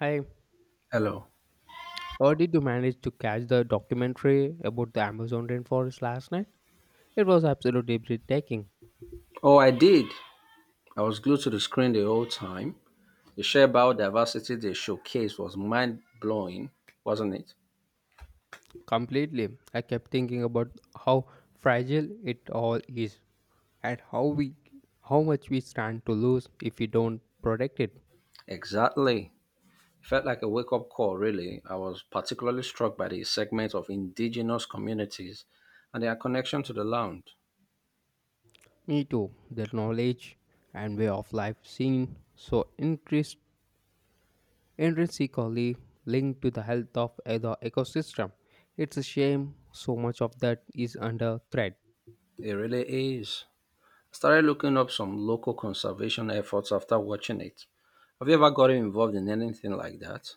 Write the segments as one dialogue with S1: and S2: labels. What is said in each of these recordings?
S1: Hi,
S2: Hello.
S1: how did you manage to catch the documentary about the Amazon rainforest last night? It was absolutely breathtaking.
S2: Oh, I did. I was glued to the screen the whole time. The sheer biodiversity they showcased was mind blowing, wasn't it?
S1: Completely. I kept thinking about how fragile it all is, and how much we stand to lose if we don't protect it.
S2: Exactly. It felt like a wake up call, really. I was particularly struck by the segment of indigenous communities and their connection to the land.
S1: Me too. Their knowledge and way of life seem so interest intrinsically linked to the health of the ecosystem. It's a shame so much of that is under threat.
S2: It really is. I started looking up some local conservation efforts after watching it. Have you ever gotten involved in anything like that?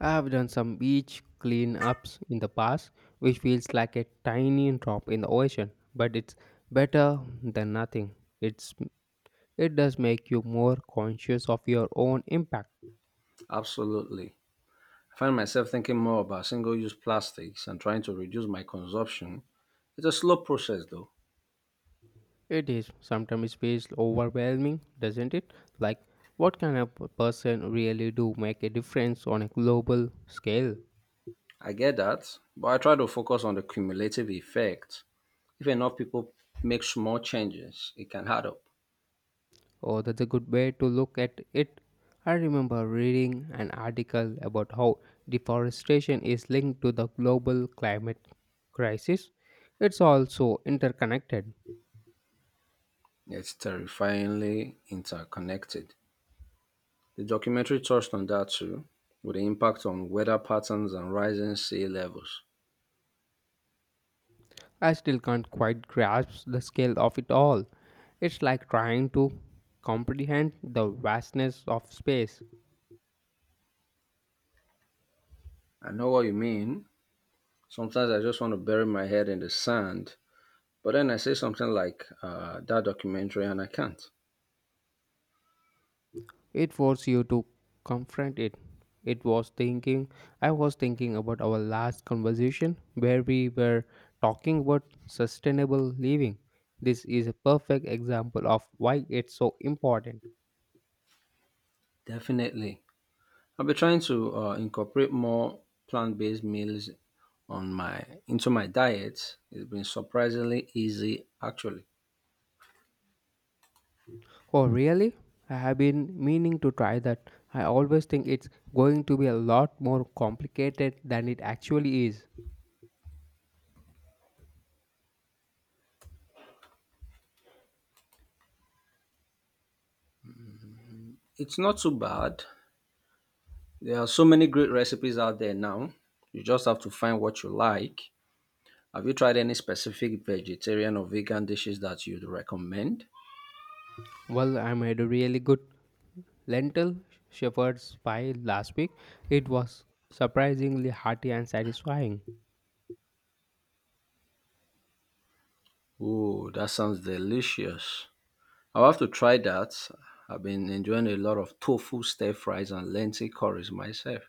S1: I have done some beach cleanups in the past, which feels like a tiny drop in the ocean, but it's better than nothing. It's it does make you more conscious of your own impact.
S2: Absolutely. I find myself thinking more about single use plastics and trying to reduce my consumption. It's a slow process though.
S1: It is. Sometimes it feels overwhelming, doesn't it? Like, what can a person really do, make a difference on a global scale?
S2: I get that, but I try to focus on the cumulative effect. If enough people make small changes, it can add up.
S1: Oh, that's a good way to look at it. I remember reading an article about how deforestation is linked to the global climate crisis. It's also interconnected.
S2: It's terrifyingly interconnected. The documentary touched on that too, with the impact on weather patterns and rising sea levels.
S1: I still can't quite grasp the scale of it all. It's like trying to comprehend the vastness of space.
S2: I know what you mean. Sometimes I just want to bury my head in the sand, but then I say something like that documentary and I can't.
S1: It forced you to confront it. It was thinking, I was thinking about our last conversation where we were talking about sustainable living. This is a perfect example of why it's so important.
S2: Definitely. I've been trying to incorporate more plant-based meals on my into my diet. It's been surprisingly easy actually.
S1: Oh, really? I have been meaning to try that. I always think it's going to be a lot more complicated than it actually is.
S2: It's not too bad. There are so many great recipes out there now. You just have to find what you like. Have you tried any specific vegetarian or vegan dishes that you'd recommend?
S1: Well, I made a really good lentil shepherd's pie last week. It was surprisingly hearty and satisfying.
S2: Oh, that sounds delicious. I'll have to try that. I've been enjoying a lot of tofu stir fries and lentil curries myself.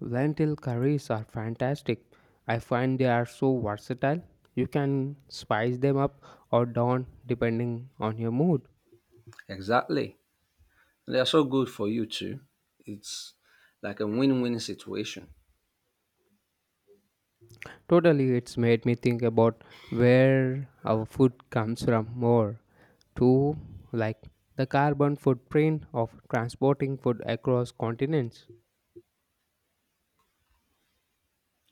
S1: Lentil curries are fantastic. I find they are so versatile. You can spice them up or down depending on your mood.
S2: Exactly. They are so good for you too. It's like a win-win situation.
S1: Totally, it's made me think about where our food comes from more. Too, like the carbon footprint of transporting food across continents.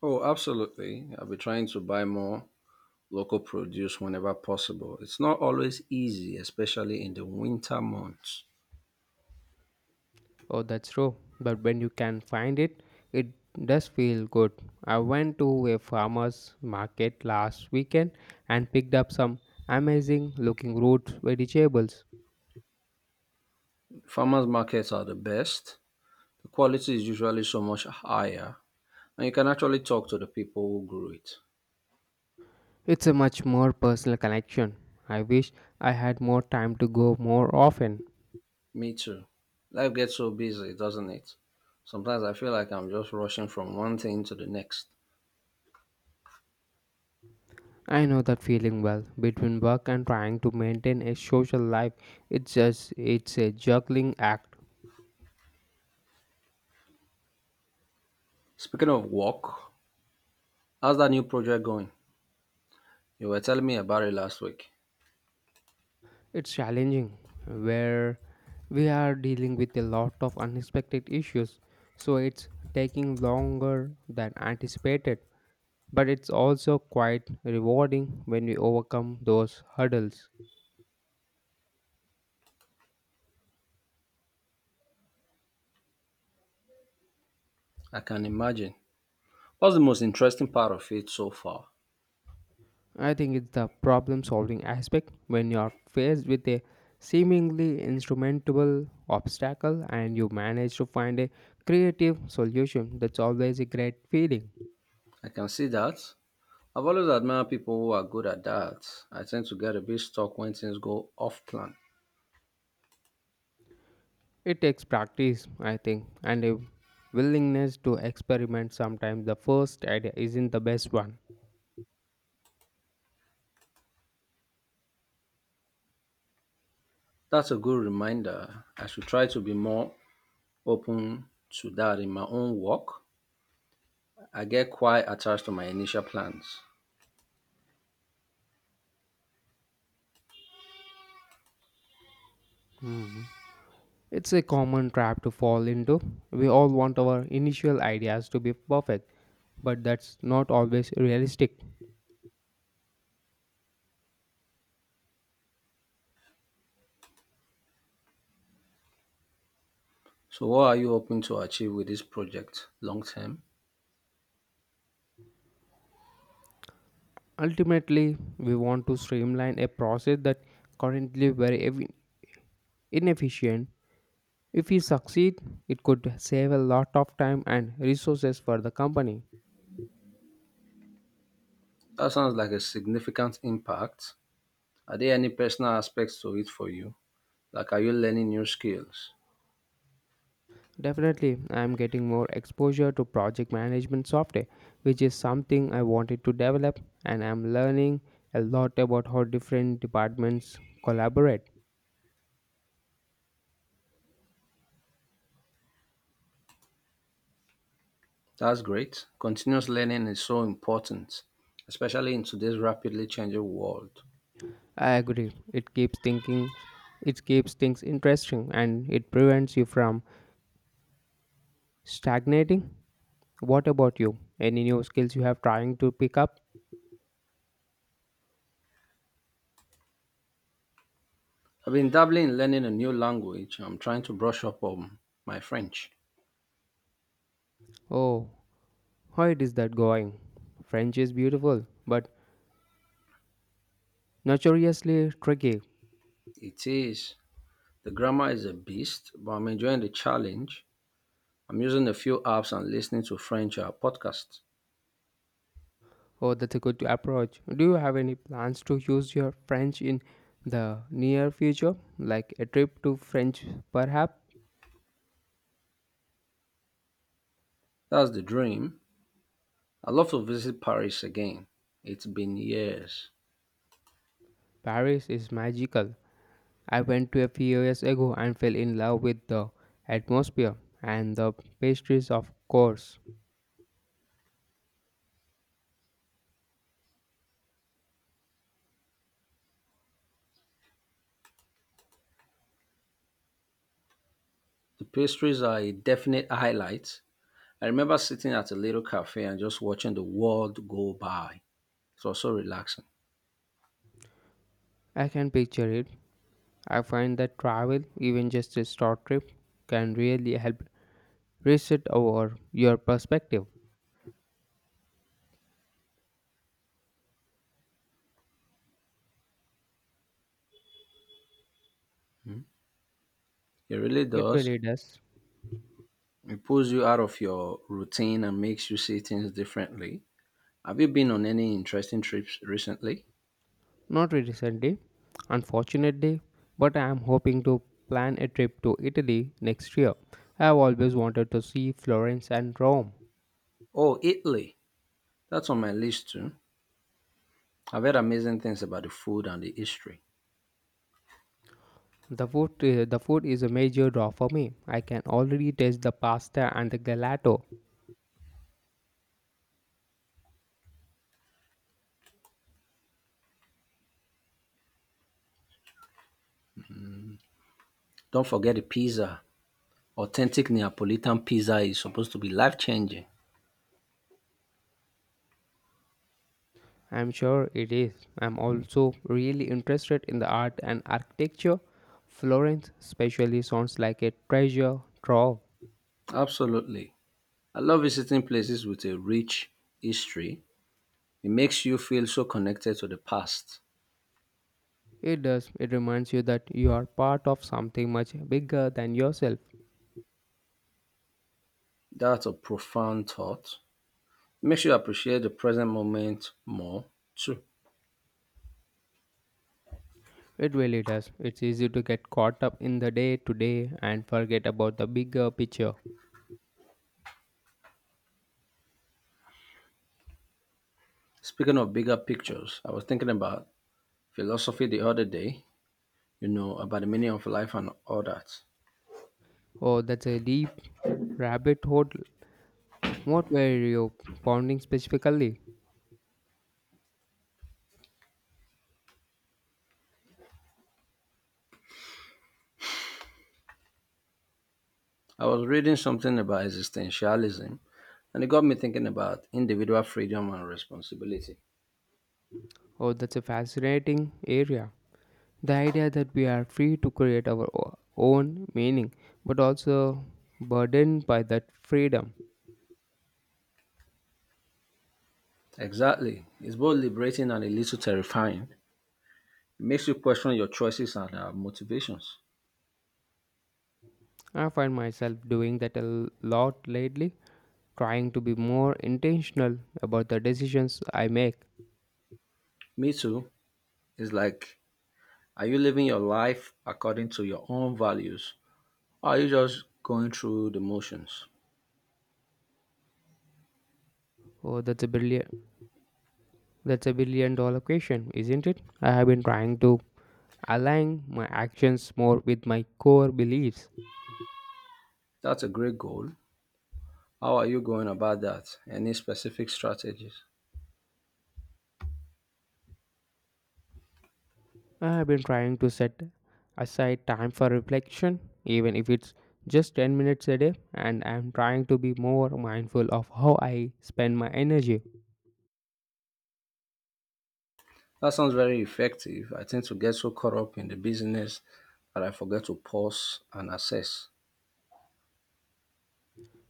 S2: Oh, absolutely. I'll be trying to buy more local produce whenever possible. It's not always easy, especially in the winter months.
S1: Oh, that's true. But when you can find it, it does feel good. I went to a farmer's market last weekend and picked up some amazing looking root vegetables.
S2: Farmers markets are the best. The quality is usually so much higher, and you can actually talk to the people who grew it.
S1: It's a much more personal connection. I wish I had more time to go more often.
S2: Me too. Life gets so busy, doesn't it? Sometimes I feel like I'm just rushing from one thing to the next.
S1: I know that feeling well. Between work and trying to maintain a social life, it's just it's a juggling act.
S2: Speaking of work, how's that new project going? You were telling me about it last week.
S1: It's challenging. Where we are dealing with a lot of unexpected issues, so it's taking longer than anticipated. But it's also quite rewarding when we overcome those hurdles.
S2: I can imagine. What's the most interesting part of it so far?
S1: I think it's the problem solving aspect when you are faced with a seemingly insurmountable obstacle and you manage to find a creative solution. That's always a great feeling.
S2: I can see that. I've always admired people who are good at that. I tend to get a bit stuck when things go off plan.
S1: It takes practice, I think, and a willingness to experiment. Sometimes the first idea isn't the best one.
S2: That's a good reminder. I should try to be more open to that in my own work. I get quite attached to my initial plans.
S1: Hmm. It's a common trap to fall into. We all want our initial ideas to be perfect, but that's not always realistic.
S2: So, what are you hoping to achieve with this project long term?
S1: Ultimately, we want to streamline a process that currently inefficient. If we succeed, it could save a lot of time and resources for the company.
S2: That sounds like a significant impact. Are there any personal aspects to it for you? Like, are you learning new skills?
S1: Definitely, I'm getting more exposure to project management software, which is something I wanted to develop, and I'm learning a lot about how different departments collaborate.
S2: That's great. Continuous learning is so important, especially in today's rapidly changing world.
S1: I agree. It keeps things interesting, and it prevents you from stagnating. What about you? Any new skills you have trying to pick up?
S2: I've been dabbling in learning a new language. I'm trying to brush up on my French.
S1: Oh, how it is that going? French is beautiful, but notoriously tricky.
S2: It is. The grammar is a beast, but I'm enjoying the challenge. I'm using a few apps and listening to French podcasts.
S1: Oh, that's a good approach. Do you have any plans to use your French in the near future? Like a trip to French, perhaps?
S2: That's the dream. I'd love to visit Paris again. It's been years.
S1: Paris is magical. I went to a few years ago and fell in love with the atmosphere and the pastries, of course.
S2: The pastries are a definite highlight, I remember sitting at a little cafe and just watching the world go by. It was so relaxing.
S1: I can picture it. I find that travel, even just a short trip, can really help reset our your perspective.
S2: It really
S1: It
S2: does.
S1: really does.
S2: It pulls you out of your routine and makes you see things differently. Have you been on any interesting trips recently?
S1: Not very recently, unfortunately, but I am hoping to plan a trip to Italy next year. I have always wanted to see Florence and Rome.
S2: Oh, Italy. That's on my list too. I've heard amazing things about the food and the history.
S1: The food is a major draw for me. I can already taste the pasta and the gelato.
S2: Don't forget the pizza. Authentic Neapolitan pizza is supposed to be life changing.
S1: I'm sure it is. I'm also really interested in the art and architecture. Florence, especially, sounds like a treasure trove.
S2: Absolutely. I love visiting places with a rich history. It makes you feel so connected to the past.
S1: It does. It reminds you that you are part of something much bigger than yourself.
S2: That's a profound thought. Makes you appreciate the present moment more, too.
S1: It really does. It's easy to get caught up in the day to day and forget about the bigger picture.
S2: Speaking of bigger pictures, I was thinking about philosophy the other day, you know, about the meaning of life and all that.
S1: Oh, that's a deep rabbit hole. What were you pounding specifically?
S2: I was reading something about existentialism, and it got me thinking about individual freedom and responsibility.
S1: Oh, that's a fascinating area. The idea that we are free to create our own meaning, but also burdened by that freedom.
S2: Exactly. It's both liberating and a little terrifying. It makes you question your choices and motivations.
S1: I find myself doing that a lot lately, trying to be more intentional about the decisions I make.
S2: Me too. It's like, are you living your life according to your own values? Are you just going through the motions?
S1: Oh, That's a billion dollar question, isn't it? I have been trying to align my actions more with my core beliefs.
S2: That's a great goal. How are you going about that? Any specific strategies?
S1: I have been trying to set aside time for reflection, even if it's just 10 minutes a day, and I'm trying to be more mindful of how I spend my energy.
S2: That sounds very effective. I tend to get so caught up in the business that I forget to pause and assess.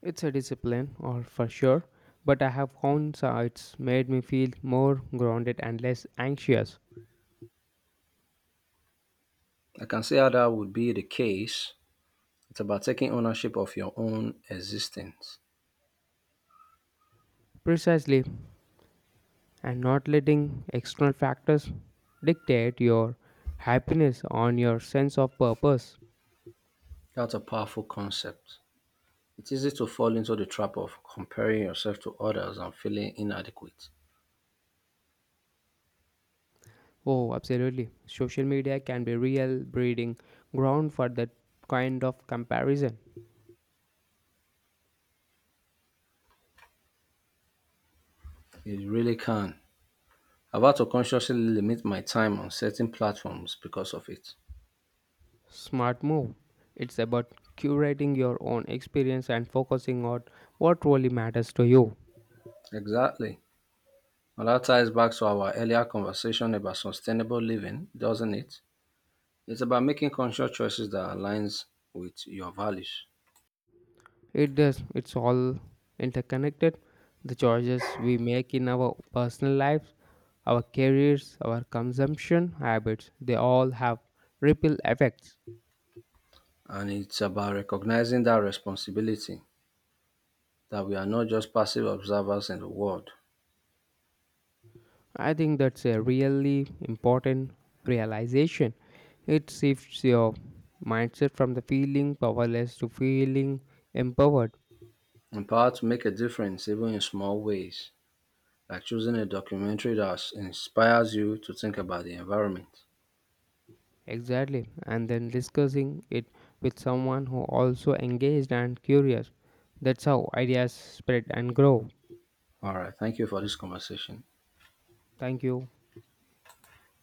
S1: It's a discipline, all for sure, but I have found so it's made me feel more grounded and less anxious.
S2: I can see how that would be the case. It's about taking ownership of your own existence.
S1: Precisely, and not letting external factors dictate your happiness on your sense of purpose.
S2: That's a powerful concept. It's easy to fall into the trap of comparing yourself to others and feeling inadequate.
S1: Oh, absolutely. Social media can be real breeding ground for that kind of comparison.
S2: It really can. I've had to consciously limit my time on certain platforms because of it.
S1: Smart move. It's about curating your own experience and focusing on what really matters to you.
S2: Exactly. And that ties back to our earlier conversation about sustainable living, doesn't it? It's about making conscious choices that aligns with your values.
S1: It does. It's all interconnected. The choices we make in our personal lives, our careers, our consumption habits, they all have ripple effects.
S2: And it's about recognizing that responsibility that we are not just passive observers in the world,
S1: I think that's a really important realization. It shifts your mindset from the feeling powerless to feeling empowered.
S2: empowered to make a difference even in small ways, like choosing a documentary that inspires you to think about the environment.
S1: Exactly. And then discussing it with someone who also engaged and curious. That's how ideas spread and grow.
S2: All right, thank you for this conversation.
S1: Thank you.